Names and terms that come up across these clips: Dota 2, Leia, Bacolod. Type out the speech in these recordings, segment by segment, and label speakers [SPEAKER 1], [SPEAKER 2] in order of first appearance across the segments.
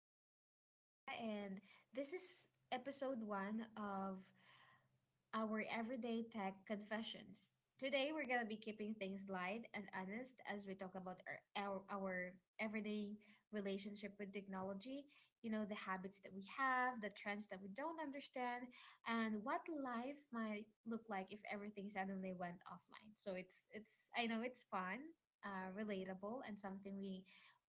[SPEAKER 1] I'm your host, Leah, and this is episode one of our everyday tech confessions. Today, we're going to be keeping things light and honest as we talk about our everyday relationship with technology. You know, the habits that we have, the trends that we don't understand, and what life might look like if everything suddenly went offline. So it's I know it's fun, relatable, and something we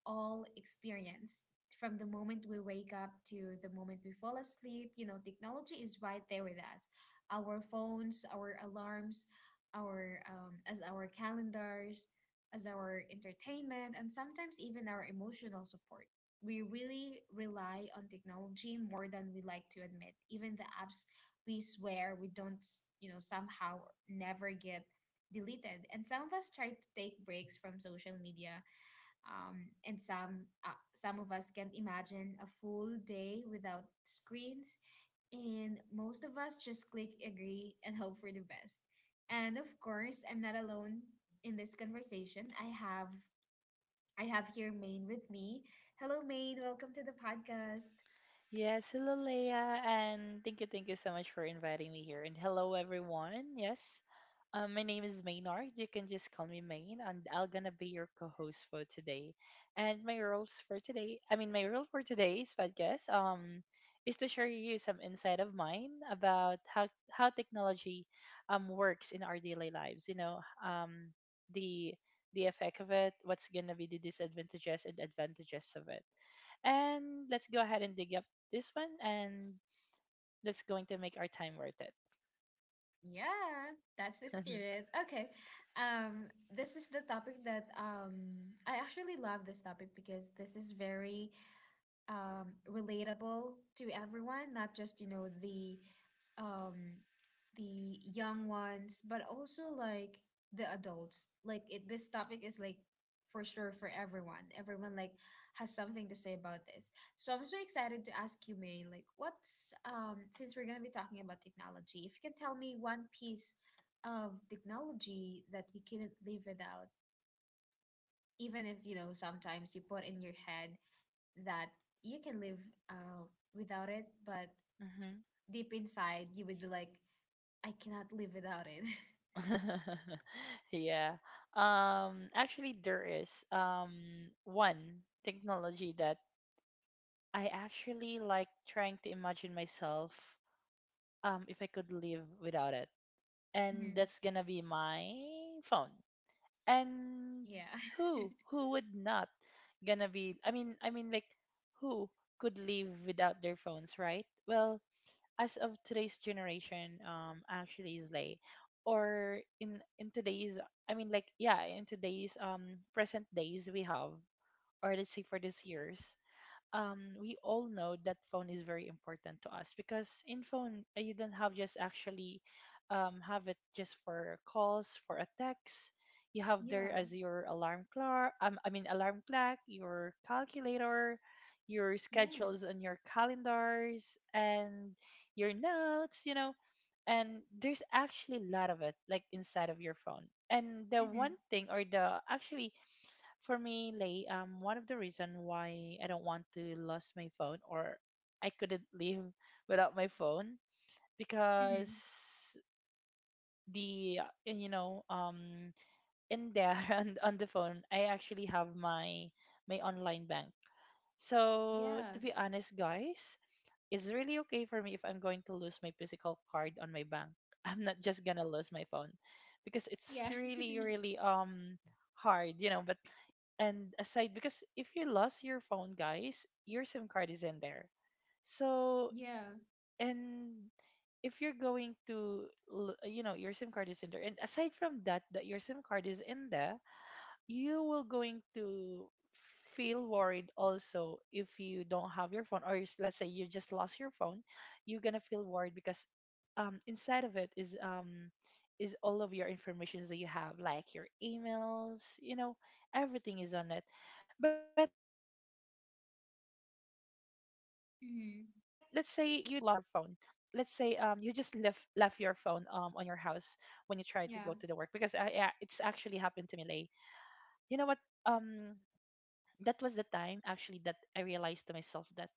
[SPEAKER 1] all experience. From the moment we wake up to the moment we fall asleep, you know, technology is right there with us, our phones, our alarms, our calendars, as our entertainment, and sometimes even our emotional support. We really rely on technology more than we like to admit. Even the apps we swear we don't, you know, somehow never get deleted. And some of us try to take breaks from social media, and some of us can't imagine a full day without screens, and most of us just click agree and hope for the best. And of course, I'm not alone in this conversation. I have here Maine with me. Hello, Maine. Welcome to the podcast.
[SPEAKER 2] Yes, hello Leia, and thank you so much for inviting me here. And hello everyone. Yes, my name is Maynard. You can just call me Main, and I'll gonna be your co-host for today. And my roles for today, I mean, my role for today's podcast, is to share you some insight of mine about how technology, works in our daily lives. The the effect of it, what's gonna be the disadvantages and advantages of it. And let's go ahead and dig up this one and that's going to make our time worth it.
[SPEAKER 1] Yeah, that's the
[SPEAKER 2] Mhm.
[SPEAKER 1] spirit. Okay. Um, this is the topic that I actually love this topic because this is very relatable to everyone, not just, you know, um, the young ones, but also like the adults. This topic is like for sure for everyone. Everyone like has something to say about this. So I'm so excited to ask you, May, like what's since we're gonna be talking about technology, if you can tell me one piece of technology that you couldn't live without, even if you know sometimes you put in your head that you can live uh, without it, but
[SPEAKER 2] Mhm.
[SPEAKER 1] deep inside you would be like I cannot live without it.
[SPEAKER 2] Yeah. Actually, there is one technology that I actually like trying to imagine myself if I could live without it. And
[SPEAKER 1] Hmm.
[SPEAKER 2] that's going to be my phone. And
[SPEAKER 1] Yeah.
[SPEAKER 2] who would not gonna be I mean like who could live without their phones, right? Well, as of today's generation actually is like, or in today's, in today's present days we have, or let's say for this years, we all know that phone is very important to us because in phone, you don't have just actually have it just for calls, for a text. You have there
[SPEAKER 1] Yeah.
[SPEAKER 2] as your alarm clock, alarm clock, your calculator, your schedules
[SPEAKER 1] Yes.
[SPEAKER 2] and your calendars and your notes, you know. And there's actually a lot of it like inside of your phone. and the one
[SPEAKER 1] Mm-hmm.
[SPEAKER 2] thing or the actually for me, Lay, one of the reason why I don't want to lose my phone, or I couldn't live without my phone,
[SPEAKER 1] Mm-hmm.
[SPEAKER 2] because the you know in there and on the phone I actually have my my online bank. So
[SPEAKER 1] Yeah.
[SPEAKER 2] to be honest, guys, it's really okay for me if I'm going to lose my physical card on my bank. I'm not just gonna lose my phone because it's
[SPEAKER 1] Yeah.
[SPEAKER 2] really, really hard, you know. But and Aside, because if you lost your phone, guys, your SIM card is in there. So
[SPEAKER 1] Yeah.
[SPEAKER 2] and if you're going to, l- you know, your SIM card is in there. And aside from that, that your SIM card is in there, you will going to feel worried also if you don't have your phone, or let's say you just lost your phone, you're gonna feel worried because inside of it is all of your informations that you have, like your emails, you know, everything is on it. But let's say you don't lost your phone, let's say you just
[SPEAKER 1] Mm-hmm.
[SPEAKER 2] left your phone on your house when you try to go to the work because I, yeah, it's actually happened to me,
[SPEAKER 1] Yeah.
[SPEAKER 2] Lay. You know what? um that was the time actually that I realized to myself that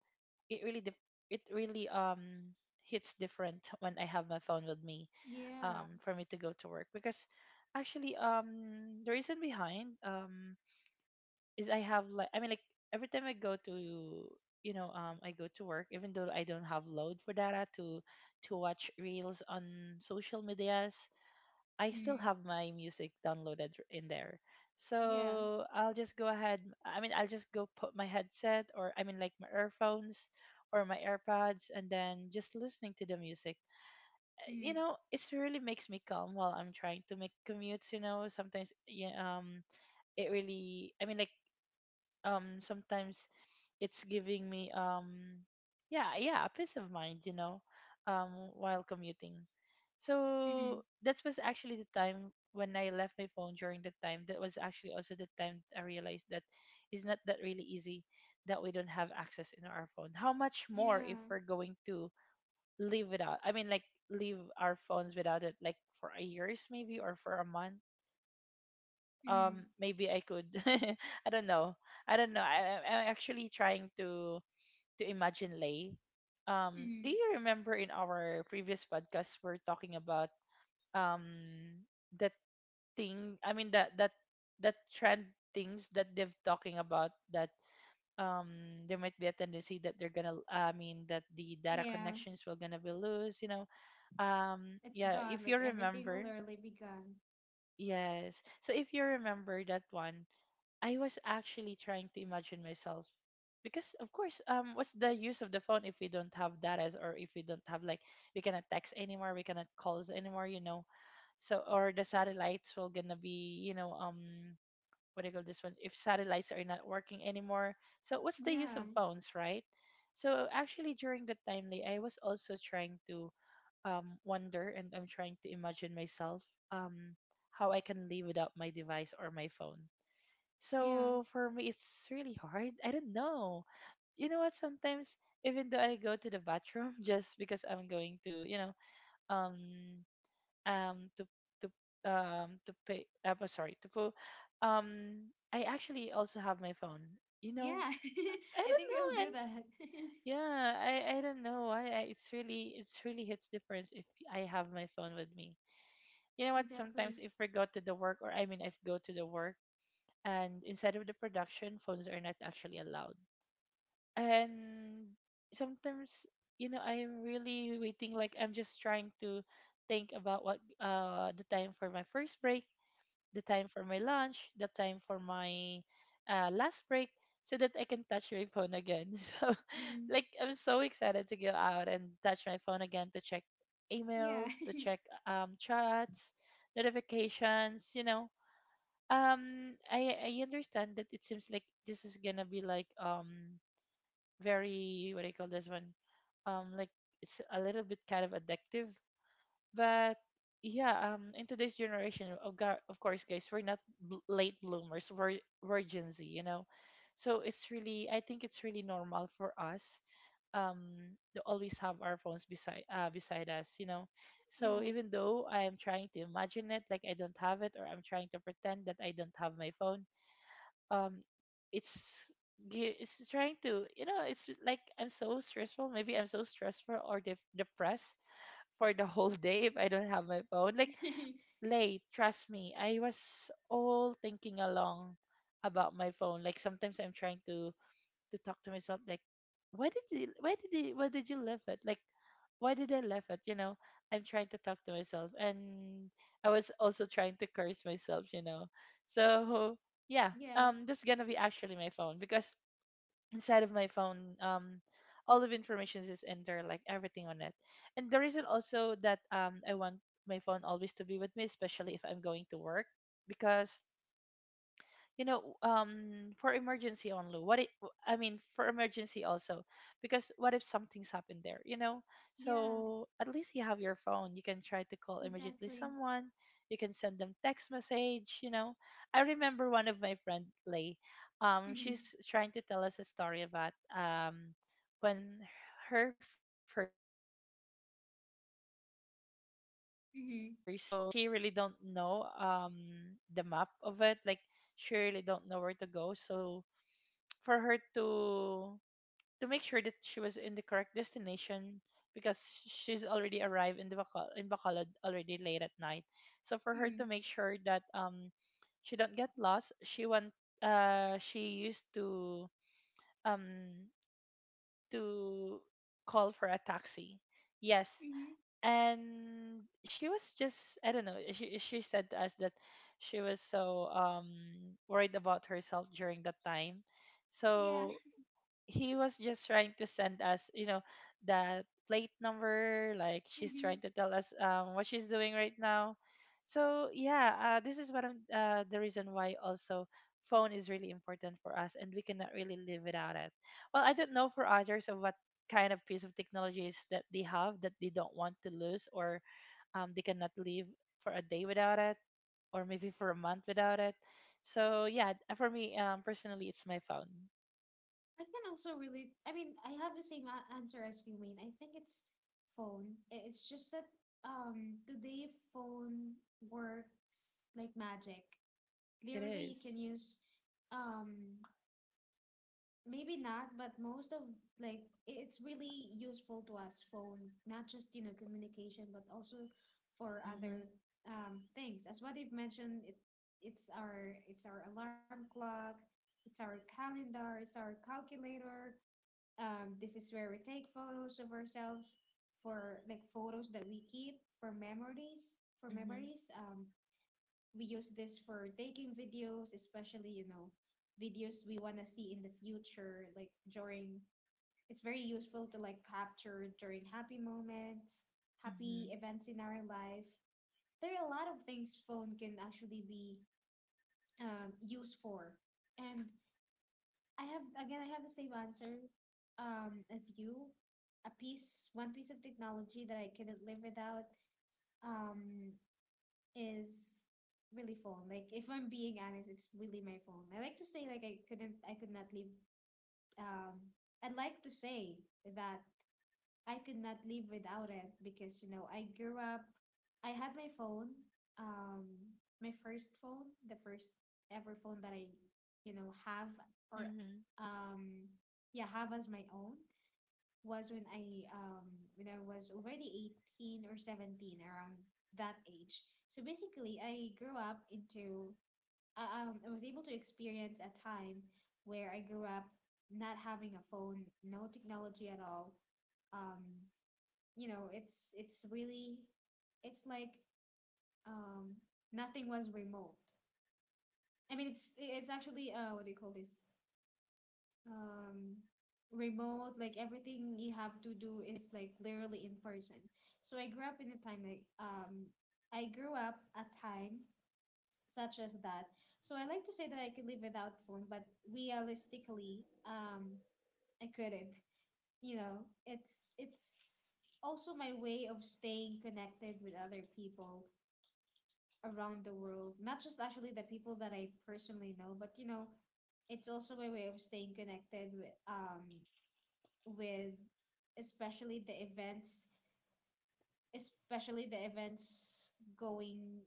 [SPEAKER 2] it really dip- it really hits different when I have my phone with me
[SPEAKER 1] Yeah.
[SPEAKER 2] for me to go to work. Because actually the reason behind is I have, every time I go to, you know, I go to work, even though I don't have load for data to watch reels on social medias, I still
[SPEAKER 1] Mm-hmm.
[SPEAKER 2] have my music downloaded in there.
[SPEAKER 1] Yeah.
[SPEAKER 2] So I'll just go ahead. I mean, I'll just go put my headset, or I mean, like my earphones or my AirPods, and then just listening to the music. You
[SPEAKER 1] Mm-hmm.
[SPEAKER 2] know, it really makes me calm while I'm trying to make commutes. You know, sometimes, yeah, it really, I mean, like sometimes it's giving me yeah a peace of mind, you know, um while commuting.
[SPEAKER 1] Mm-hmm.
[SPEAKER 2] So that was actually the time when I left my phone during that time. That was actually also the time I realized that it's not that really easy that we don't have access in our phone. How much more if
[SPEAKER 1] Yeah.
[SPEAKER 2] we're going to live without? I mean, like leave our phones without it, like for a years maybe, or for a month.
[SPEAKER 1] Mm-hmm.
[SPEAKER 2] Maybe I could. I don't know. I'm actually trying to imagine, Lay. Do
[SPEAKER 1] Mm-hmm.
[SPEAKER 2] you remember in our previous podcast we're talking about um that thing, that trend, things that they've talking about, that um there might be a tendency that they're gonna I mean that the data
[SPEAKER 1] Yeah.
[SPEAKER 2] connections will gonna be loose, you know.
[SPEAKER 1] It's
[SPEAKER 2] Yeah, if
[SPEAKER 1] gone.
[SPEAKER 2] you
[SPEAKER 1] Like everything will
[SPEAKER 2] remember.
[SPEAKER 1] literally be gone.
[SPEAKER 2] Yes. So if you remember that one, I was actually trying to imagine myself, because of course, what's the use of the phone if we don't have data, or if we don't have like, we cannot text anymore, we cannot calls anymore, you know. So or the satellites will gonna be, you know, what do you call this one, if satellites are not working anymore. So what's the use
[SPEAKER 1] Yeah.
[SPEAKER 2] of phones, right? So actually during that time, like, I was also trying to wonder, and I'm trying to imagine myself um how I can live without my device or my phone.
[SPEAKER 1] Yeah.
[SPEAKER 2] So for me, it's really hard. I don't know. You know what? Sometimes even though I go to the bathroom just because I'm going to, you know, um, um, to to to pay. But sorry, to put. I actually also have my phone. You know,
[SPEAKER 1] Yeah,
[SPEAKER 2] I
[SPEAKER 1] I
[SPEAKER 2] don't
[SPEAKER 1] think we'll
[SPEAKER 2] know.
[SPEAKER 1] do
[SPEAKER 2] And
[SPEAKER 1] that.
[SPEAKER 2] yeah, I don't know. I It's really, it's really hits difference if I have my phone with me. You know what?
[SPEAKER 1] Exactly.
[SPEAKER 2] Sometimes if I go to the work, or I mean, if go to the work, and inside of the production phones are not actually allowed. And sometimes, you know, I'm really waiting, like I'm just trying to think about what, the time for my first break, the time for my lunch, the time for my last break, so that I can touch my phone again. So
[SPEAKER 1] Mm.
[SPEAKER 2] like I'm so excited to go out and touch my phone again, to check
[SPEAKER 1] Yeah.
[SPEAKER 2] emails, to check chats, notifications, you know. I understand that it seems like this is gonna be like, very, what do you call this one, like it's a little bit kind of addictive. But yeah, in today's generation, of course, guys, we're not late bloomers. We're Gen Z, you know. So it's really, I think it's really normal for us, um, to always have our phones beside, beside us, you know. So
[SPEAKER 1] Yeah.
[SPEAKER 2] even though I am trying to imagine it, like I don't have it, or I'm trying to pretend that I don't have my phone, um it's it's trying to, you know, it's like I'm so stressful, maybe I'm so stressful or depressed for the whole day if I don't have my phone. Like, Late, trust me, I was all thinking along about my phone, like sometimes I'm trying to talk to myself, like why did you, leave it, like why did I laugh at? You know, I'm trying to talk to myself, and I was also trying to curse myself. You know, so yeah,
[SPEAKER 1] Yeah.
[SPEAKER 2] this is gonna be actually my phone, because inside of my phone, all of information is in there, like everything on it. And the reason also that I want my phone always to be with me, especially if I'm going to work, because, you know, for emergency only what it I mean for emergency, also, because what if something's happened there, you know.
[SPEAKER 1] Yeah.
[SPEAKER 2] So at least you have your phone, you can try to call immediately
[SPEAKER 1] Exactly.
[SPEAKER 2] someone, you can send them text message, you know. I remember one of my friend, Lay,
[SPEAKER 1] Mm-hmm.
[SPEAKER 2] she's trying to tell us a story about when her first time to get in city of Bacolod.
[SPEAKER 1] Mm-hmm.
[SPEAKER 2] So she really don't know the map of it, like she really don't know where to go. So for her to make sure that she was in the correct destination, because she's already arrived in the in Bacolod already late at night. So for her
[SPEAKER 1] Mm-hmm.
[SPEAKER 2] to make sure that she don't get lost, she want, she used to um to call for a taxi. Yes,
[SPEAKER 1] Mm-hmm.
[SPEAKER 2] and she was just, I don't know, eh, she said to us that she was so worried about herself during that time.
[SPEAKER 1] Yeah.
[SPEAKER 2] So he was just trying to send us, you know, that plate number. Like she's
[SPEAKER 1] Mm-hmm.
[SPEAKER 2] trying to tell us what she's doing right now. So yeah, this is what I'm, the reason why also phone is really important for us, and we cannot really live without it. Well, I don't know for others of what kind of piece of technologies that they have that they don't want to lose, or they cannot live for a day without it, or maybe for a month without it. So yeah, for me personally, it's my phone.
[SPEAKER 1] I can also really, I mean, I have the same answer as you, Mean. I think it's phone. It's just that today phone works like magic.
[SPEAKER 2] It
[SPEAKER 1] Literally, you
[SPEAKER 2] is.
[SPEAKER 1] can use um maybe not, but most of like it's really useful to us, phone, not just, you know, communication, but also for
[SPEAKER 2] Mm-hmm.
[SPEAKER 1] other things. As what you've mentioned, it's our alarm clock, it's our calendar, it's our calculator. This is where we take photos of ourselves for like photos that we keep for memories, for
[SPEAKER 2] Mhm.
[SPEAKER 1] memories. We use this for taking videos, especially, you know, videos we want to see in the future, like during, it's very useful to like capture during happy moments, happy
[SPEAKER 2] Mhm.
[SPEAKER 1] events in our life. There are a lot of things phone can actually be used for. And I have, again, I have the same answer, as you. A piece, one piece of technology that I couldn't live without. Um, is really phone. Like if I'm being honest, it's really my phone. I like to say like I could not live um I'd like to say that I could not live without it because you know I grew up I had my phone, um my first phone, the first ever phone that I have, or
[SPEAKER 2] Mhm.
[SPEAKER 1] um yeah, have as my own was when I when I was already 18 or 17, around that age. So basically, I grew up into I was able to experience a time where I grew up not having a phone, no technology at all. Um, you know, it's really it's like um nothing was remote. I mean, it's actually, uh, what do you call this? Um, remote, like everything you have to do is like literally in person. So I grew up in a time like, I grew up a time such as that. So I like to say that I could live without phone, but realistically, I couldn't. You know, it's also my way of staying connected with other people around the world, not just actually the people that I personally know, but you know, it's also a way of staying connected with, with especially the events, especially the events going,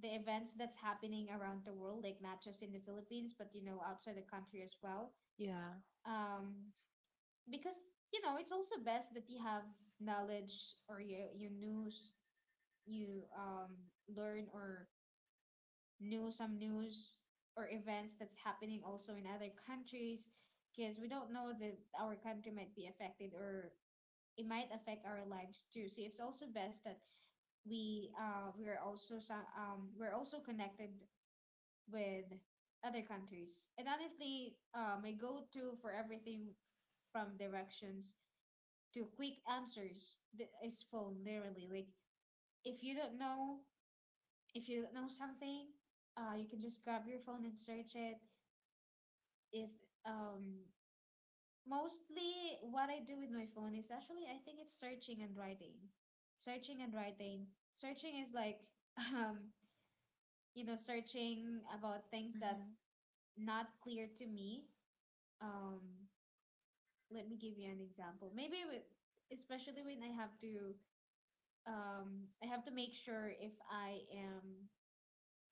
[SPEAKER 1] the events that's happening around the world, like not just in the Philippines but, you know, outside the country as well.
[SPEAKER 2] Yeah.
[SPEAKER 1] um because, you know, it's also best that you have knowledge or you news, you, learn or knew some news or events that's happening also in other countries, because we don't know that our country might be affected, or it might affect our lives too. So it's also best that we, uh, we're also some, we're also connected with other countries. And honestly, my go-to for everything from directions to quick answers, is phone. Literally, like if you don't know if you don't know something, you can just grab your phone and search it. If, um mostly what I do with my phone is actually I think it's searching and writing. Searching and writing. Searching is like um you know, searching about things that
[SPEAKER 2] Mhm.
[SPEAKER 1] not clear to me. Um, let me give you an example. Maybe with, especially when I have to make sure if I am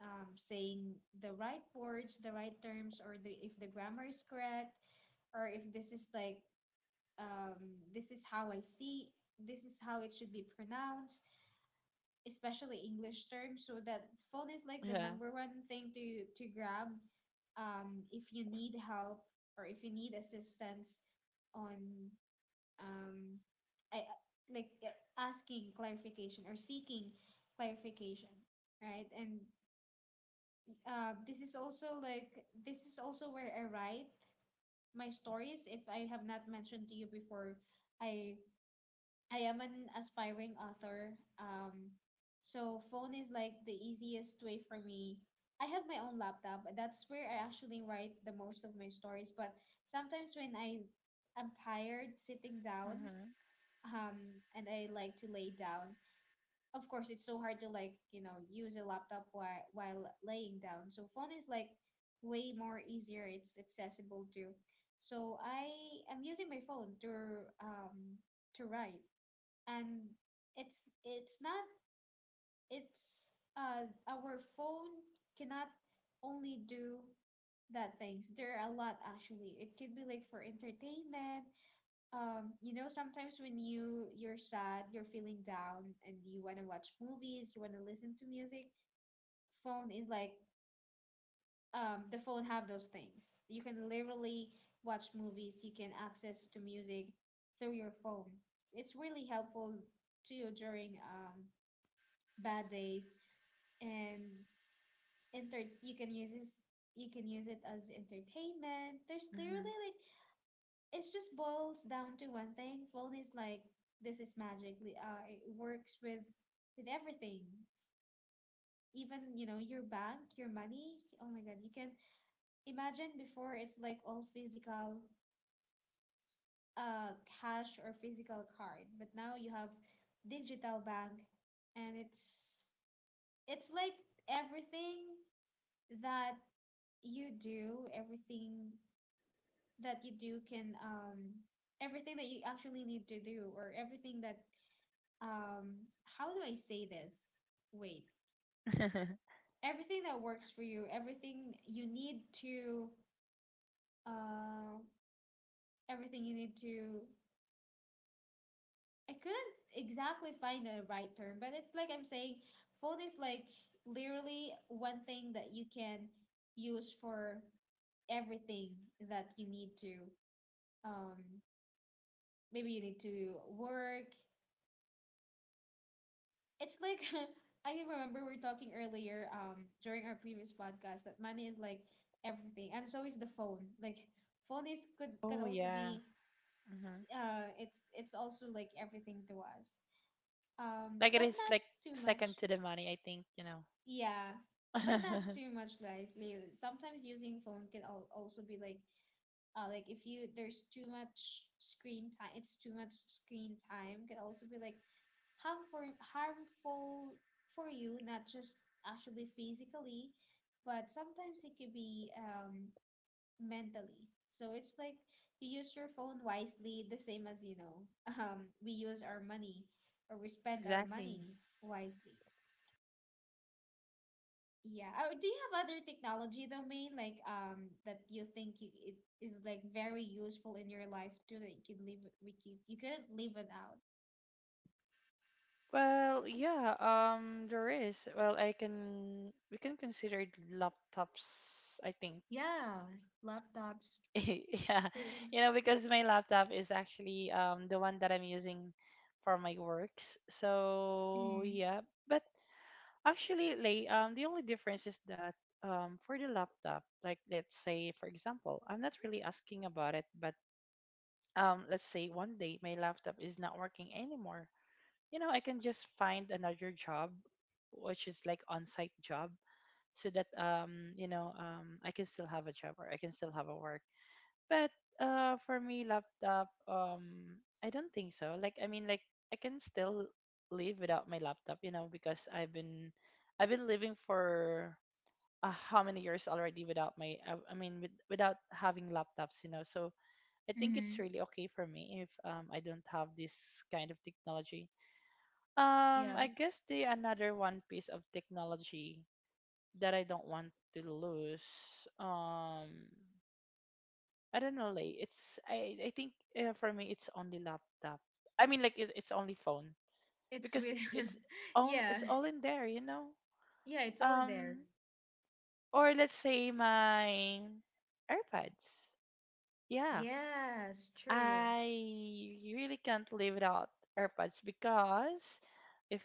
[SPEAKER 1] saying the right words, the right terms, or the if the grammar is correct, or if this is like, this is how I see, this is how it should be pronounced, especially English terms. So that phone is like the
[SPEAKER 2] Yeah.
[SPEAKER 1] number one thing to grab, if you need help or if you need assistance on, um, I, like asking clarification or seeking clarification, right? And this is also like this is also where I write my stories. If I have not mentioned to you before, I I am an aspiring author. Um, so phone is like the easiest way for me. I have my own laptop. That's where I actually write the most of my stories. But sometimes when I am tired sitting down,
[SPEAKER 2] Mhm.
[SPEAKER 1] and I like to lay down. Of course, it's so hard to like, you know, use a laptop while laying down. So phone is like way more easier. It's accessible too. So I am using my phone to write. And it's not it's uh, our phone cannot only do that things, there are a lot actually, it could be like for entertainment. Um, you know, sometimes when you're sad, you're feeling down and you want to watch movies, you want to listen to music, phone is like, the phone have those things, you can literally watch movies, you can access to music through your phone. It's really helpful to you during, bad days, and enter, you can use this, you can use it as entertainment. There's
[SPEAKER 2] Mhm.
[SPEAKER 1] literally like, it's just boils down to one thing, phone is like, this is magic. Uh, it works with everything, even, you know, your bank, your money. Oh my god, you can imagine before it's like all physical, uh, cash or physical card, but now you have digital bank, and it's like everything that you do, everything that you do can, everything that you actually need to do, or everything that, um how do I say this? Wait. Everything that works for you, everything you need to, uh everything you need to I couldn't exactly find the right term, but it's like I'm saying phone is like literally one thing that you can use for everything that you need to. Um, maybe you need to work. It's like I remember we were talking earlier, during our previous podcast, that money is like everything, and so is the phone. Like phone is could can
[SPEAKER 2] Oh
[SPEAKER 1] also
[SPEAKER 2] yeah.
[SPEAKER 1] be,
[SPEAKER 2] Mhm.
[SPEAKER 1] uh, it's also like everything to us. Um,
[SPEAKER 2] Like it
[SPEAKER 1] but
[SPEAKER 2] is
[SPEAKER 1] not
[SPEAKER 2] like
[SPEAKER 1] too
[SPEAKER 2] second
[SPEAKER 1] much.
[SPEAKER 2] to the money, I think, you know.
[SPEAKER 1] Yeah. But not too much, guys. Like, sometimes using phone can also be like, like if you, there's too much screen time, it's too much screen time can also be like harmful, harmful for you, not just actually physically, but sometimes it could be mentally. So it's like, you use your phone wisely, the same as, you know, we use our money, or we spend our
[SPEAKER 2] Exactly.
[SPEAKER 1] money wisely. Yeah. Oh, do you have other technology domain like, that you think you, it is like very useful in your life too, that you could live we you, you couldn't live without?
[SPEAKER 2] Well, yeah, there is. Well, I can we can consider it laptops, I think.
[SPEAKER 1] Yeah, laptops
[SPEAKER 2] Yeah.
[SPEAKER 1] too.
[SPEAKER 2] You know, because my laptop is actually the one that I'm using for my works. So,
[SPEAKER 1] Mm.
[SPEAKER 2] yeah. But actually, Lay, the only difference is that for the laptop, like let's say, for example, I'm not really asking about it, but let's say one day my laptop is not working anymore. You know, I can just find another job, which is like on-site job, so that I can still have a job or I can still have a work. But for me, laptop, I don't think so. Like, I mean, like I can still live without my laptop, you know, because I've been living for how many years already without my, I mean, with, without having laptops, you know. So I think it's
[SPEAKER 1] Mm-hmm.
[SPEAKER 2] really okay for me if I don't have this kind of technology.
[SPEAKER 1] Yeah,
[SPEAKER 2] I guess the another one piece of technology that I don't want to lose. Um, I don't know, like it's I think for me it's only laptop. I mean, like it's only phone
[SPEAKER 1] it's
[SPEAKER 2] because
[SPEAKER 1] really. Yeah,
[SPEAKER 2] it's all in there, you know.
[SPEAKER 1] yeah, it's all in there.
[SPEAKER 2] Um, or let's say my AirPods. Yeah,
[SPEAKER 1] Yes, true.
[SPEAKER 2] I really can't live without AirPods because if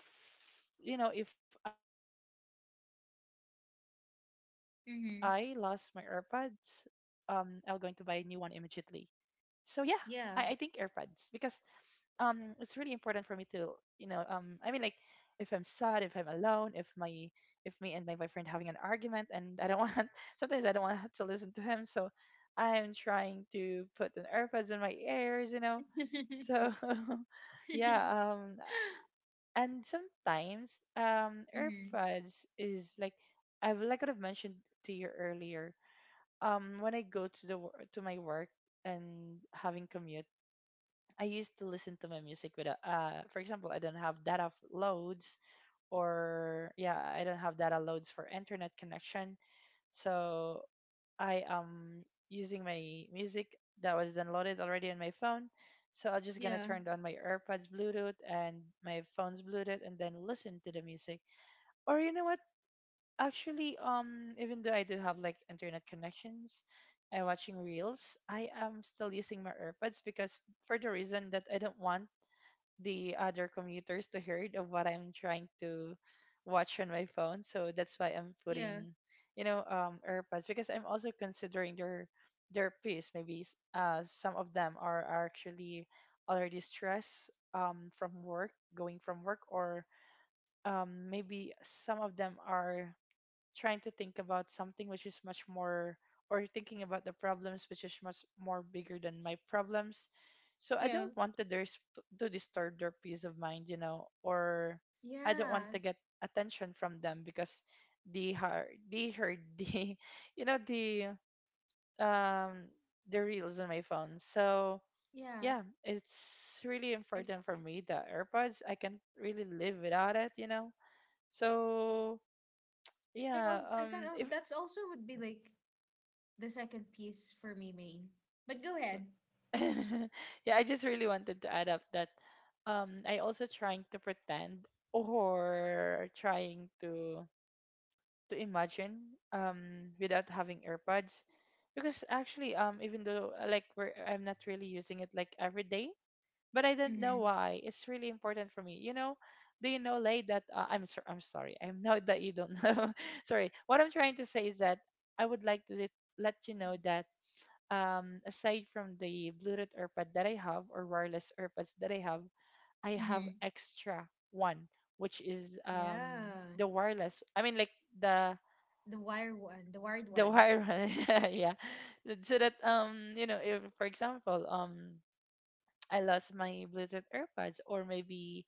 [SPEAKER 2] you know if I lost my AirPods, I will going to buy a
[SPEAKER 1] Mm-hmm.
[SPEAKER 2] new one immediately. So yeah, I think AirPods because
[SPEAKER 1] Yeah.
[SPEAKER 2] it's really important for me to you know if I'm sad, if I'm alone, if me and my boyfriend having an argument and I don't want, sometimes I don't want to listen to him, so I'm trying to put an earbuds in my ears, you know. So yeah. And sometimes,
[SPEAKER 1] Mm-hmm.
[SPEAKER 2] earbuds is like I've mentioned to you earlier when I go to to my work and having commute, I used to listen to my music with a, for example, I don't have data f- loads or yeah, I don't have data loads for internet connection. So I am using my music that was downloaded already on my phone. So I'm just gonna
[SPEAKER 1] Yeah,
[SPEAKER 2] turn on my AirPods Bluetooth and my phone's Bluetooth and then listen to the music. Or you know what? Actually, even though I do have like internet connections, and watching reels, I am still using my AirPods because for the reason that I don't want the other commuters to heard of what I'm trying to watch on my phone. So that's why I'm
[SPEAKER 1] yeah,
[SPEAKER 2] putting, you know, AirPods because I'm also considering their piece. Maybe some of them are actually already stressed, from work, going from work, or maybe some of them are trying to think about something which is much more, or thinking about the problems which is much more bigger than my problems, so I
[SPEAKER 1] yeah,
[SPEAKER 2] don't want to, to disturb their peace of mind, you know, or I don't want
[SPEAKER 1] yeah,
[SPEAKER 2] to get attention from them because they heard the you know the um the reels on my phone. So
[SPEAKER 1] yeah.
[SPEAKER 2] yeah it's really
[SPEAKER 1] It's
[SPEAKER 2] important for me the airpods I can't really live without it you know so
[SPEAKER 1] I al
[SPEAKER 2] yeah
[SPEAKER 1] I kind
[SPEAKER 2] if
[SPEAKER 1] of That's also would be like the second piece for me, Main. But go ahead.
[SPEAKER 2] Yeah, I just really wanted to add up that I also trying to pretend or trying to imagine without having AirPods, because actually, even though like I'm not really using it like every day, but I don't know
[SPEAKER 1] Mm-hmm.
[SPEAKER 2] why it's really important for me, you know. Do you know, Lay, that I'm so, I'm sorry. I know that you don't know. Sorry, what I'm trying to say is that I would like to let you know that, aside from the Bluetooth AirPod that I have or wireless AirPods that I have
[SPEAKER 1] Mm-hmm.
[SPEAKER 2] extra one, which is
[SPEAKER 1] Yeah.
[SPEAKER 2] the wireless. I mean, like the
[SPEAKER 1] The wired
[SPEAKER 2] the
[SPEAKER 1] one.
[SPEAKER 2] wire one, yeah. So that, you know, if for example, I lost my Bluetooth AirPods or maybe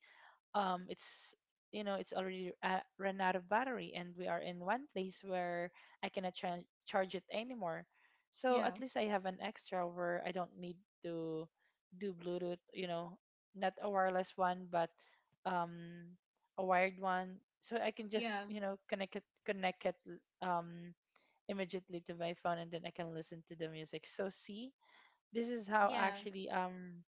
[SPEAKER 2] it's you know it's already run out of battery and we are in one place where I cannot charge it anymore, so at
[SPEAKER 1] Yeah.
[SPEAKER 2] least I have an extra where I don't need to do Bluetooth, you know, not a wireless one but um a wired one, so I can just,
[SPEAKER 1] Yeah.
[SPEAKER 2] you know, connect it um immediately to my phone, and then I can listen to the music. So see, this is how
[SPEAKER 1] Yeah.
[SPEAKER 2] actually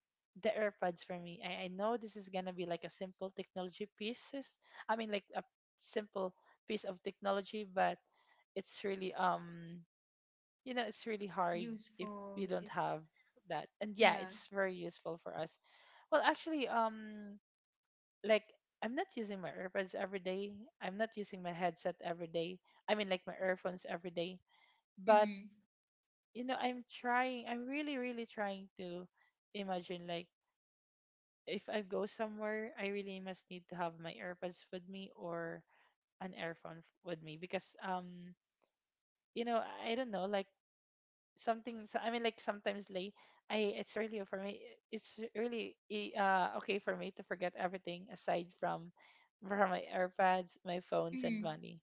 [SPEAKER 2] the AirPods for me. I know this is gonna be like a simple technology pieces. I mean like a simple piece of technology, but it's really you know it's really hard if we
[SPEAKER 1] Useful.
[SPEAKER 2] don't have
[SPEAKER 1] It's
[SPEAKER 2] that. And yeah,
[SPEAKER 1] Yeah.
[SPEAKER 2] it's very useful for us. Well, actually, like I'm not using my AirPods every day. I'm not using my headset every day. I mean like my earphones every day. But
[SPEAKER 1] Mm-hmm.
[SPEAKER 2] you know, I'm trying. I'm really, really trying to imagine like if I go somewhere, I really must need to have my AirPods with me or an earphone with me, because you know I don't know like something. So I mean like sometimes like I it's really for me, it's really okay for me to forget everything aside from my AirPods, my phones and
[SPEAKER 1] Mm-hmm.
[SPEAKER 2] money,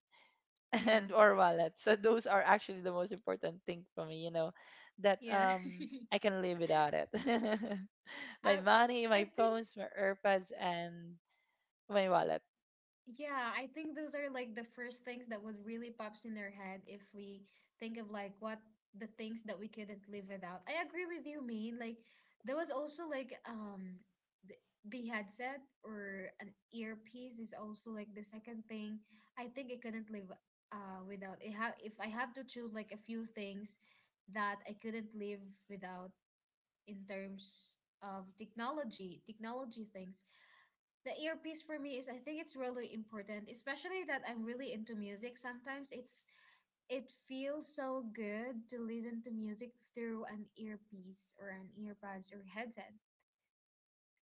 [SPEAKER 1] Yeah.
[SPEAKER 2] and or wallet. So those are actually the most important thing for me, you know, that
[SPEAKER 1] Yeah.
[SPEAKER 2] I can live without it. My
[SPEAKER 1] I
[SPEAKER 2] money, my
[SPEAKER 1] I think
[SPEAKER 2] phones, my AirPods, and my wallet.
[SPEAKER 1] Yeah, I think those are like the first things that would really pops in their head if we think of like what the things that we couldn't live without. I agree with you, Mean. Like there was also like the, the headset or an earpiece is also like the second thing I think I couldn't live without. It ha If I have to choose like a few things that I couldn't live without in terms of technology, technology things, the earpiece for me is, I think, it's really important, especially that I'm really into music. Sometimes it feels so good to listen to music through an earpiece or an earbuds or headset.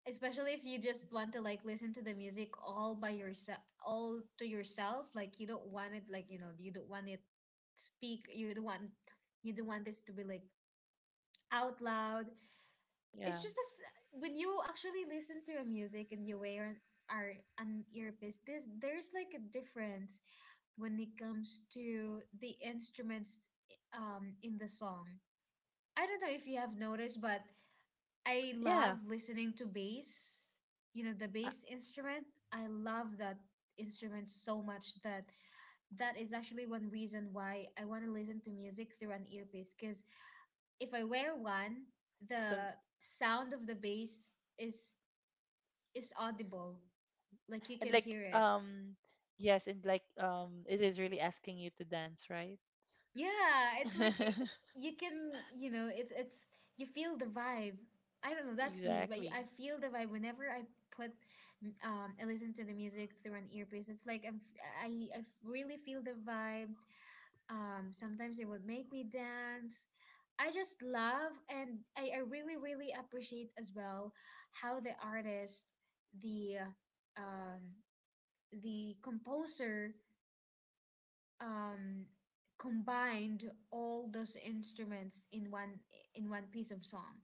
[SPEAKER 1] Especially if you just want to like listen to the music all by yourself, all to yourself. Like you don't want it, like, you don't want it speak. You don't want this to be like out loud. It's
[SPEAKER 2] Yeah.
[SPEAKER 1] just this when you actually listen to a music and you wear are an earpiece, this there's like a difference when it comes to the instruments in the song. I don't know if you have noticed, but I love
[SPEAKER 2] Yeah.
[SPEAKER 1] listening to bass, you know, the
[SPEAKER 2] Uh,
[SPEAKER 1] bass instrument. I love that instrument so much that that is actually one reason why I want to listen to music through an earpiece, because if I wear one,
[SPEAKER 2] so
[SPEAKER 1] the sound of the bass is is audible. Like you
[SPEAKER 2] and
[SPEAKER 1] can
[SPEAKER 2] like
[SPEAKER 1] hear it.
[SPEAKER 2] yes and like it is really asking you to dance, right?
[SPEAKER 1] Yeah, it's like you can, you know, it's you feel the vibe. I don't know, that's me, but
[SPEAKER 2] Exactly.
[SPEAKER 1] I feel the vibe whenever put I listen to the music through an earpiece. It's like I'm f- I f- really feel the vibe. Sometimes it would make me dance. I just love and I really, really appreciate as well how the artist, the um, the composer, um, combined all those instruments in one piece of song.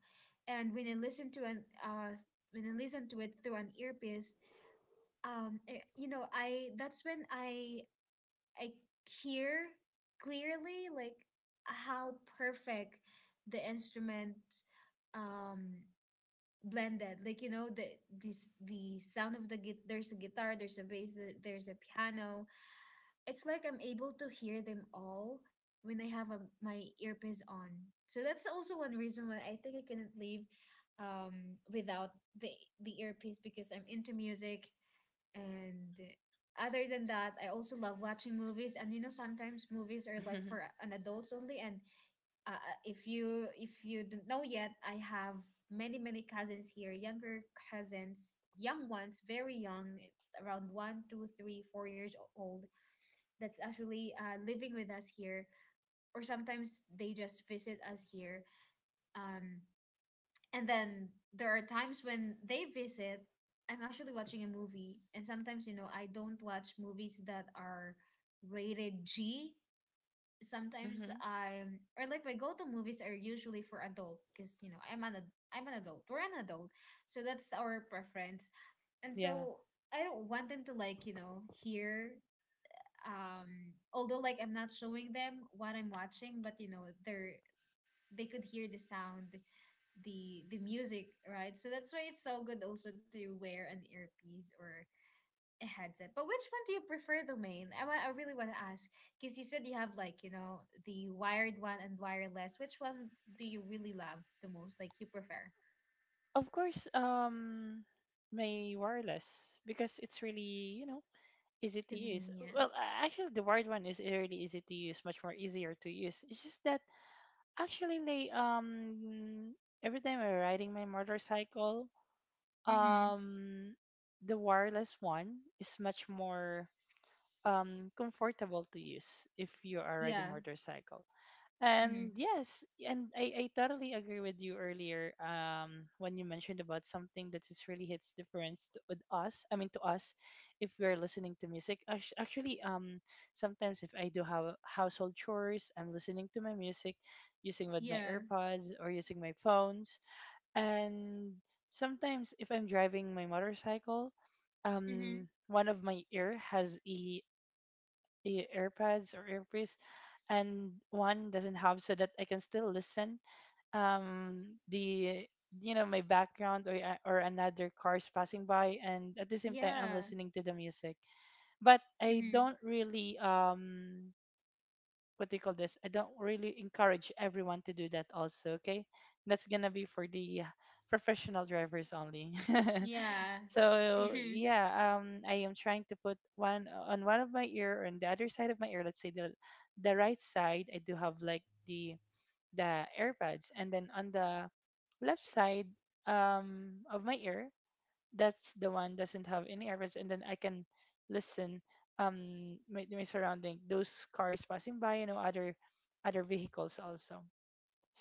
[SPEAKER 1] And when I listen to it through an earpiece, eh, you know, I that's when I hear clearly like how perfect the instrument um blended, like, you know, the sound of there's a guitar, there's a bass, there's a piano. It's like I'm able to hear them all when I have my earpiece on. So that's also one reason why I think I couldn't leave without the the earpiece, because I'm into music. And other than that, I also love watching movies. And, sometimes movies are like for an adults only. And if you don't know yet, I have many many cousins here, younger cousins, young ones, very young, around one, two, three, 4 years old. That's actually, living with us here, or sometimes they just visit us here. Um, and then there are times when they visit. I'm actually watching a movie, and sometimes, I don't watch movies that are rated G. Sometimes
[SPEAKER 2] Hmm.
[SPEAKER 1] I'm, or like my go-to movies are usually for adult, because I'm an adult. We're an adult, so that's our preference. And
[SPEAKER 2] Yeah.
[SPEAKER 1] so I don't want them to, like, hear. Although, like, I'm not showing them what I'm watching, but they could hear the sound, the music, right? So that's why it's so good also to wear an earpiece or a headset. But which one do you prefer, Domain? I really want to ask because you said you have, like, the wired one and wireless. Which one do you really love the most? Like you prefer?
[SPEAKER 2] Of course, my wireless because it's really, you know, easy to use.
[SPEAKER 1] Convenient.
[SPEAKER 2] Well, actually the wired one is really easy to use, much more easier to use. It's just that actually like every time I'm riding my motorcycle,
[SPEAKER 1] Mm-hmm.
[SPEAKER 2] um the wireless one is much more comfortable to use if you are riding
[SPEAKER 1] Yeah.
[SPEAKER 2] motorcycle. And
[SPEAKER 1] Mm.
[SPEAKER 2] yes, and I totally agree with you earlier when you mentioned about something that is really hits difference with us, I mean to us, if we're listening to music. Actually, sometimes if I do have household chores, I'm listening to my music using with my
[SPEAKER 1] Yeah.
[SPEAKER 2] AirPods or using my phones. And sometimes if I'm driving my motorcycle,
[SPEAKER 1] Mm-hmm.
[SPEAKER 2] one of my ear has e AirPods or earpiece, and one doesn't have, so that I can still listen. The you know my background or or another cars passing by, and at the same time I'm
[SPEAKER 1] Yeah.
[SPEAKER 2] listening to the music. But I
[SPEAKER 1] Mm-hmm.
[SPEAKER 2] don't really what do you call this? I don't really encourage everyone to do that also, okay? That's gonna be for the professional drivers only.
[SPEAKER 1] Yeah.
[SPEAKER 2] So yeah, I am trying to put one on one of my ear on the other side of my ear, let's say the right side I do have like the the AirPods, and then on the left side of my ear, that's the one doesn't have any errors, and then I can listen my, my surrounding those cars passing by, you know, other other vehicles also.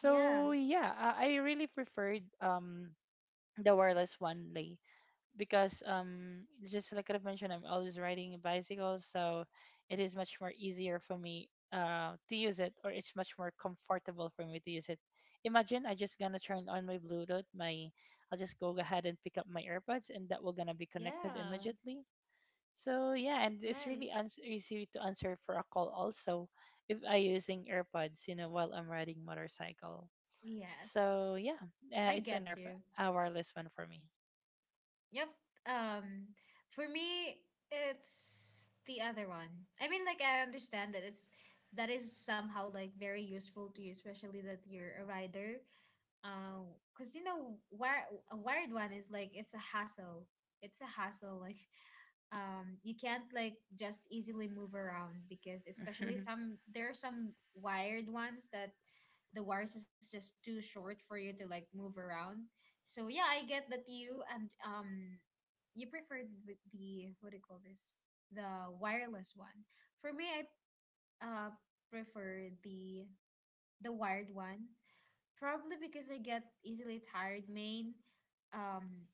[SPEAKER 1] Yeah.
[SPEAKER 2] yeah, I really preferred the wireless one, Lay, because just like I've mentioned, I'm always riding a bicycle, so it is much more easier for me to use it, or it's much more comfortable for me to use it. Imagine I just gonna turn on my Bluetooth, my I'll just go ahead and pick up my AirPods, and that will gonna be connected
[SPEAKER 1] Yeah.
[SPEAKER 2] immediately. So yeah, and it's
[SPEAKER 1] Right.
[SPEAKER 2] really easy to answer for a call also if I using AirPods, you know, while I'm riding motorcycle.
[SPEAKER 1] Yes.
[SPEAKER 2] So yeah, uh,
[SPEAKER 1] I
[SPEAKER 2] it's an
[SPEAKER 1] get
[SPEAKER 2] air-
[SPEAKER 1] you.
[SPEAKER 2] a wireless one for me.
[SPEAKER 1] Yep. Um, for me, it's the other one. I mean, like I understand that it's that is somehow like very useful to you, especially that you're a rider, uh, cause, wire a wired one is like it's a hassle. It's a hassle. Like, you can't, like, just easily move around because, especially, some there are some wired ones that the wires is just too short for you to, like, move around. So yeah, I get that you preferred the what do you call this? The wireless one. For me, I uh prefer the wired one. Probably because I get easily tired, Main, um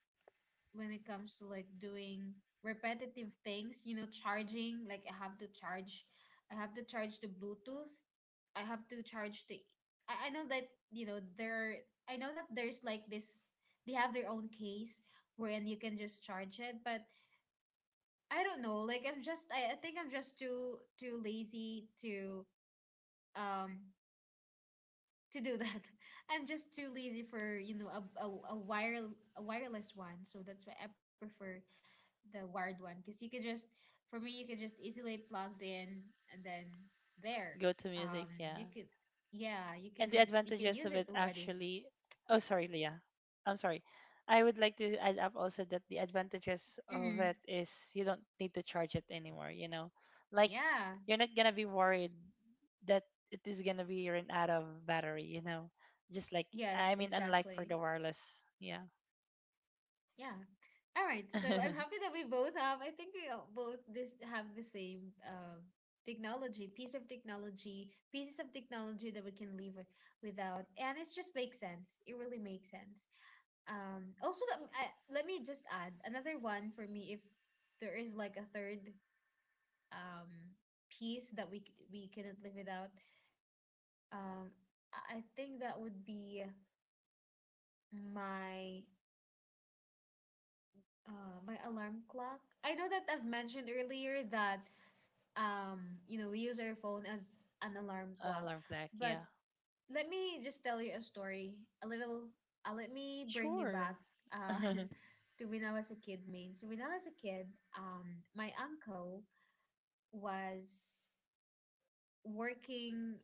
[SPEAKER 1] when it comes to, like, doing repetitive things. You know, charging, like, I have to charge the Bluetooth. I have to charge the I know that, you know, there I know that there's like this they have their own case wherein you can just charge it, but I don't know, like I think I'm just too too lazy um to do that. I'm just too lazy for, you know, a wireless one. So that's why I prefer the wired one, because you could just for me you could just easily plugged in, and then there.
[SPEAKER 2] Go to music,
[SPEAKER 1] Um
[SPEAKER 2] yeah.
[SPEAKER 1] you could, yeah, you
[SPEAKER 2] And the
[SPEAKER 1] can you can
[SPEAKER 2] advantages
[SPEAKER 1] use
[SPEAKER 2] of
[SPEAKER 1] it
[SPEAKER 2] it
[SPEAKER 1] already.
[SPEAKER 2] actually. Oh, sorry, Leah. I'm sorry. I would like to add up also that the advantages of
[SPEAKER 1] Mm-hmm.
[SPEAKER 2] it is you don't need to charge it anymore, you know? Like,
[SPEAKER 1] Yeah.
[SPEAKER 2] you're not gonna be worried that it is gonna be run out of battery, you know? Just like,
[SPEAKER 1] Yes,
[SPEAKER 2] I mean, unlike for
[SPEAKER 1] exactly.
[SPEAKER 2] the wireless, yeah.
[SPEAKER 1] Yeah. All right. So I'm happy that we both have, I think we all- both this have the same, technology, piece of technology, pieces of technology that we can live without. And it just makes sense. It really makes sense. Also, let me just add another one for me if there is like a third, um, piece that we couldn't live without. Um, I think that would be my my alarm clock. I know that I've mentioned earlier that we use our phone as an alarm clock,
[SPEAKER 2] Alarm clock,
[SPEAKER 1] but
[SPEAKER 2] yeah.
[SPEAKER 1] let me just tell you a story, a little, let me bring you back,
[SPEAKER 2] Sure.
[SPEAKER 1] uh to when I was a kid, Main. So when I was a kid, um my uncle was working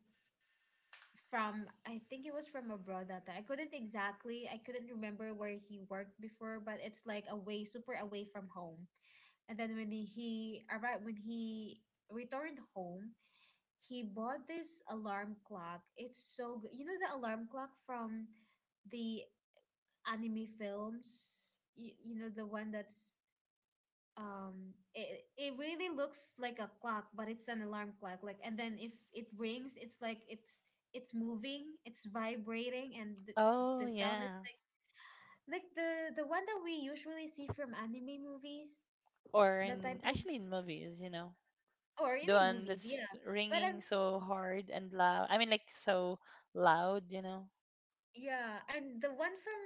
[SPEAKER 1] from, I think it was from abroad that time. I couldn't remember where he worked before, but it's like away, super away from home. And then, when he returned home, he bought this alarm clock. It's so good. You know the alarm clock from the anime films? You know the one that's, it really looks like a clock, but it's an alarm clock. Like, and then if it rings, it's like it's moving, it's vibrating, and the,
[SPEAKER 2] Oh,
[SPEAKER 1] the sound is
[SPEAKER 2] yeah.
[SPEAKER 1] like the one that we usually see from anime movies,
[SPEAKER 2] Or
[SPEAKER 1] that
[SPEAKER 2] in,
[SPEAKER 1] type of,
[SPEAKER 2] actually in movies, you know?
[SPEAKER 1] or
[SPEAKER 2] The
[SPEAKER 1] any
[SPEAKER 2] one
[SPEAKER 1] movies, yeah.
[SPEAKER 2] that's
[SPEAKER 1] But
[SPEAKER 2] ringing
[SPEAKER 1] I'm
[SPEAKER 2] so hard and loud. I mean, like so loud, you know.
[SPEAKER 1] Yeah, and the one from,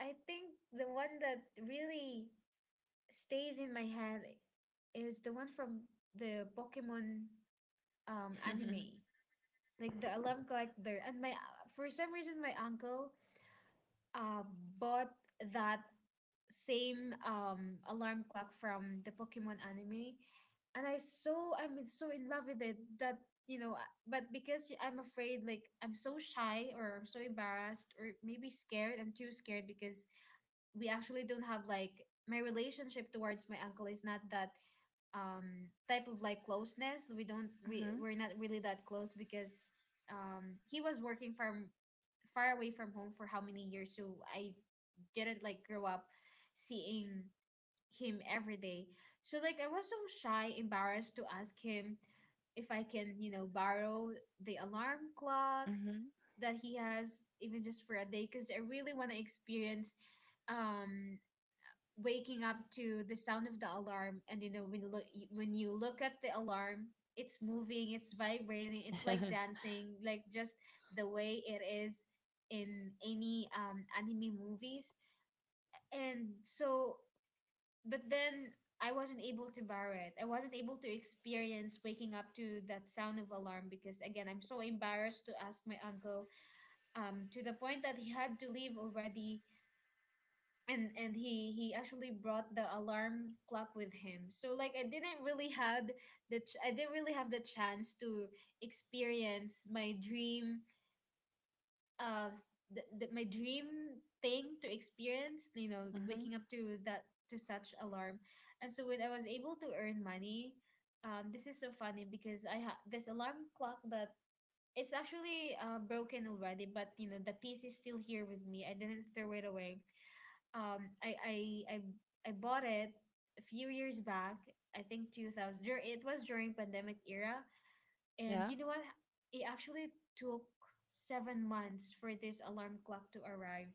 [SPEAKER 1] I think the one that really stays in my head is the one from the Pokemon
[SPEAKER 2] Mhm.
[SPEAKER 1] anime, like the alarm collector. And my for some reason, my uncle, uh, bought that same, alarm clock from the Pokemon anime, and I so I'm in- so in love with it that, but because I'm afraid, like I'm so shy or I'm so embarrassed or maybe scared. I'm too scared because we actually don't have, like, my relationship towards my uncle is not that, type of, like, closeness. we don't we
[SPEAKER 2] Mhm.
[SPEAKER 1] we're not really that close, because, he was working from far away from home for how many years, so I didn't, like, grow up seeing him every day. So, like, I was so shy, embarrassed to ask him if I can, borrow the alarm clock that he has, even just for a day, because I really want to experience, um waking up to the sound of the alarm. And when you look at the alarm, it's moving, it's vibrating, it's like
[SPEAKER 2] Mhm.
[SPEAKER 1] dancing, like just the way it is in any, anime movies. And so, but then I wasn't able to borrow it, I wasn't able to experience waking up to that sound of alarm, because again, I'm so embarrassed to ask my uncle, to the point that he had to leave already. And he actually brought the alarm clock with him, so, like, I didn't really have the chance to experience my dream of, my dream thing to experience,
[SPEAKER 2] Mhm.
[SPEAKER 1] waking up to such alarm. And so when I was able to earn money, this is so funny, because I have this alarm clock that, it's actually, broken already, but the piece is still here with me, I didn't throw it away. Um I I I, I bought it a few years back. I think it was during pandemic era. And
[SPEAKER 2] Yeah.
[SPEAKER 1] you know what, it actually took 7 months for this alarm clock to arrive.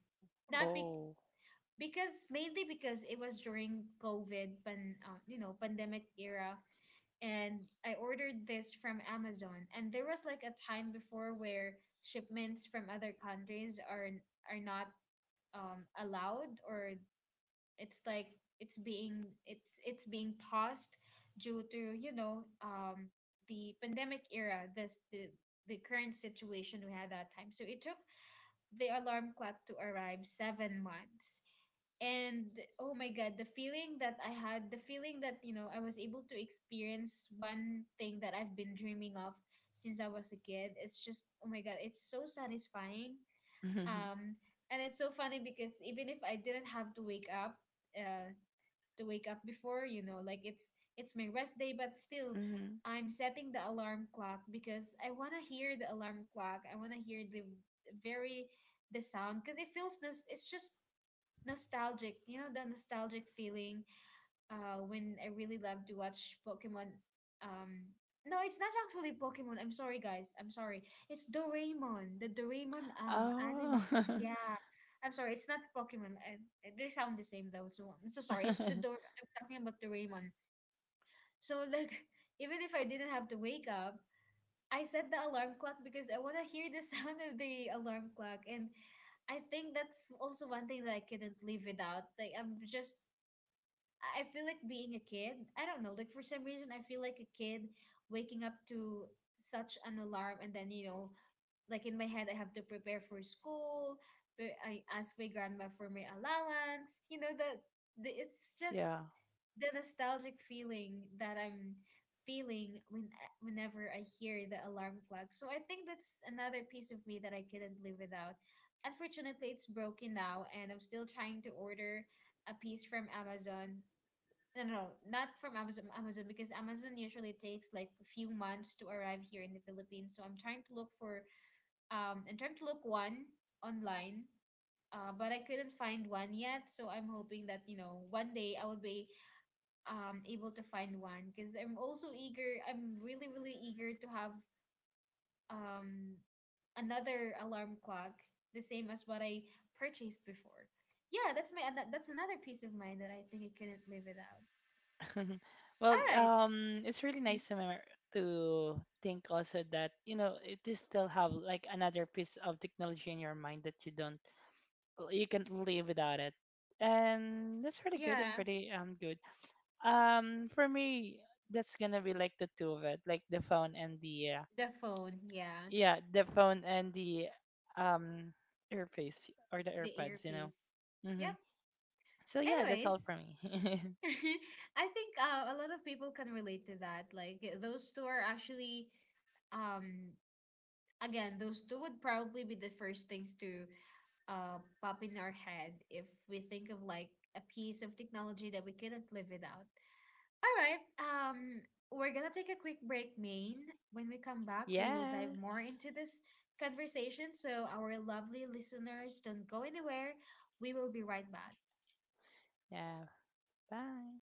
[SPEAKER 1] Not be-
[SPEAKER 2] Oh.
[SPEAKER 1] Because mainly because it was during COVID pan you know, pandemic era. And I ordered this from Amazon, and there was like a time before where shipments from other countries are not allowed, or it's like it's being paused due to, you know, the pandemic era, this the current situation we had that time. So it took the alarm clock to arrive 7 months, and oh my god, the feeling that I had, the feeling that, you know, I was able to experience one thing that I've been dreaming of since I was a kid, it's just oh my god, it's so satisfying.
[SPEAKER 2] Mhm.
[SPEAKER 1] um and it's so funny because even if I didn't have to wake up uh, to wake up before, you know, like it's my rest day, but still
[SPEAKER 2] Mhm.
[SPEAKER 1] I'm setting the alarm clock because I want to hear the alarm clock. I want to hear the very the sound, because it feels this it's just nostalgic, you know, the nostalgic feeling. When I really love to watch Pokemon. Um, no, it's not actually Pokemon. I'm sorry, guys. I'm sorry. It's Doraemon, the Doraemon anime.
[SPEAKER 2] Oh.
[SPEAKER 1] Yeah, I'm sorry. It's not Pokemon. They sound the same though. So I'm so sorry. It's the Dor. I'm talking about Doraemon. So like, even if I didn't have to wake up, I set the alarm clock because I want to hear the sound of the alarm clock. And I think that's also one thing that I couldn't live without. Like I'm just, I feel like being a kid, I don't know, like for some reason, I feel like a kid waking up to such an alarm. And then, you know, like in my head, I have to prepare for school. I ask my grandma for my allowance. You know, the it's just
[SPEAKER 2] Yeah.
[SPEAKER 1] the nostalgic feeling that I'm feeling whenever I hear the alarm clock. So I think that's another piece of me that I couldn't live without. Unfortunately, it's broken now, and I'm still trying to order a piece from Amazon. No, not from Amazon, Amazon, because Amazon usually takes like a few months to arrive here in the Philippines. So I'm trying to look for I'm trying to look one online, but I couldn't find one yet. So I'm hoping that, you know, one day I will be able to find one, because I'm also eager. I'm really, really eager to have um another alarm clock, the same as what I purchased before. Yeah, that's that's another piece of mind that I think I couldn't live without.
[SPEAKER 2] Well,
[SPEAKER 1] All right.
[SPEAKER 2] it's really
[SPEAKER 1] Mhm.
[SPEAKER 2] nice to remember to think also that you know it is still have like another piece of technology in your mind that you don't you can't live without it, and that's really good and
[SPEAKER 1] Yeah.
[SPEAKER 2] pretty good. For me, that's gonna be like the two of it, like the phone and the
[SPEAKER 1] The phone, yeah,
[SPEAKER 2] yeah, the phone and the um earpiece or the
[SPEAKER 1] the
[SPEAKER 2] AirPods, you know.
[SPEAKER 1] earpiece. Yep.
[SPEAKER 2] Mm-hmm. So yeah, that's all
[SPEAKER 1] Anyways,
[SPEAKER 2] for me.
[SPEAKER 1] I think a lot of people can relate to that. Like those two are actually, um, again, those two would probably be the first things to uh pop in our head if we think of like a piece of technology that we couldn't live without. All right. We're gonna take a quick break, Maine. When we come back, we will dive more
[SPEAKER 2] Yes.
[SPEAKER 1] into this conversation. So our lovely listeners, don't go anywhere. We will be right back.
[SPEAKER 2] Yeah. Bye.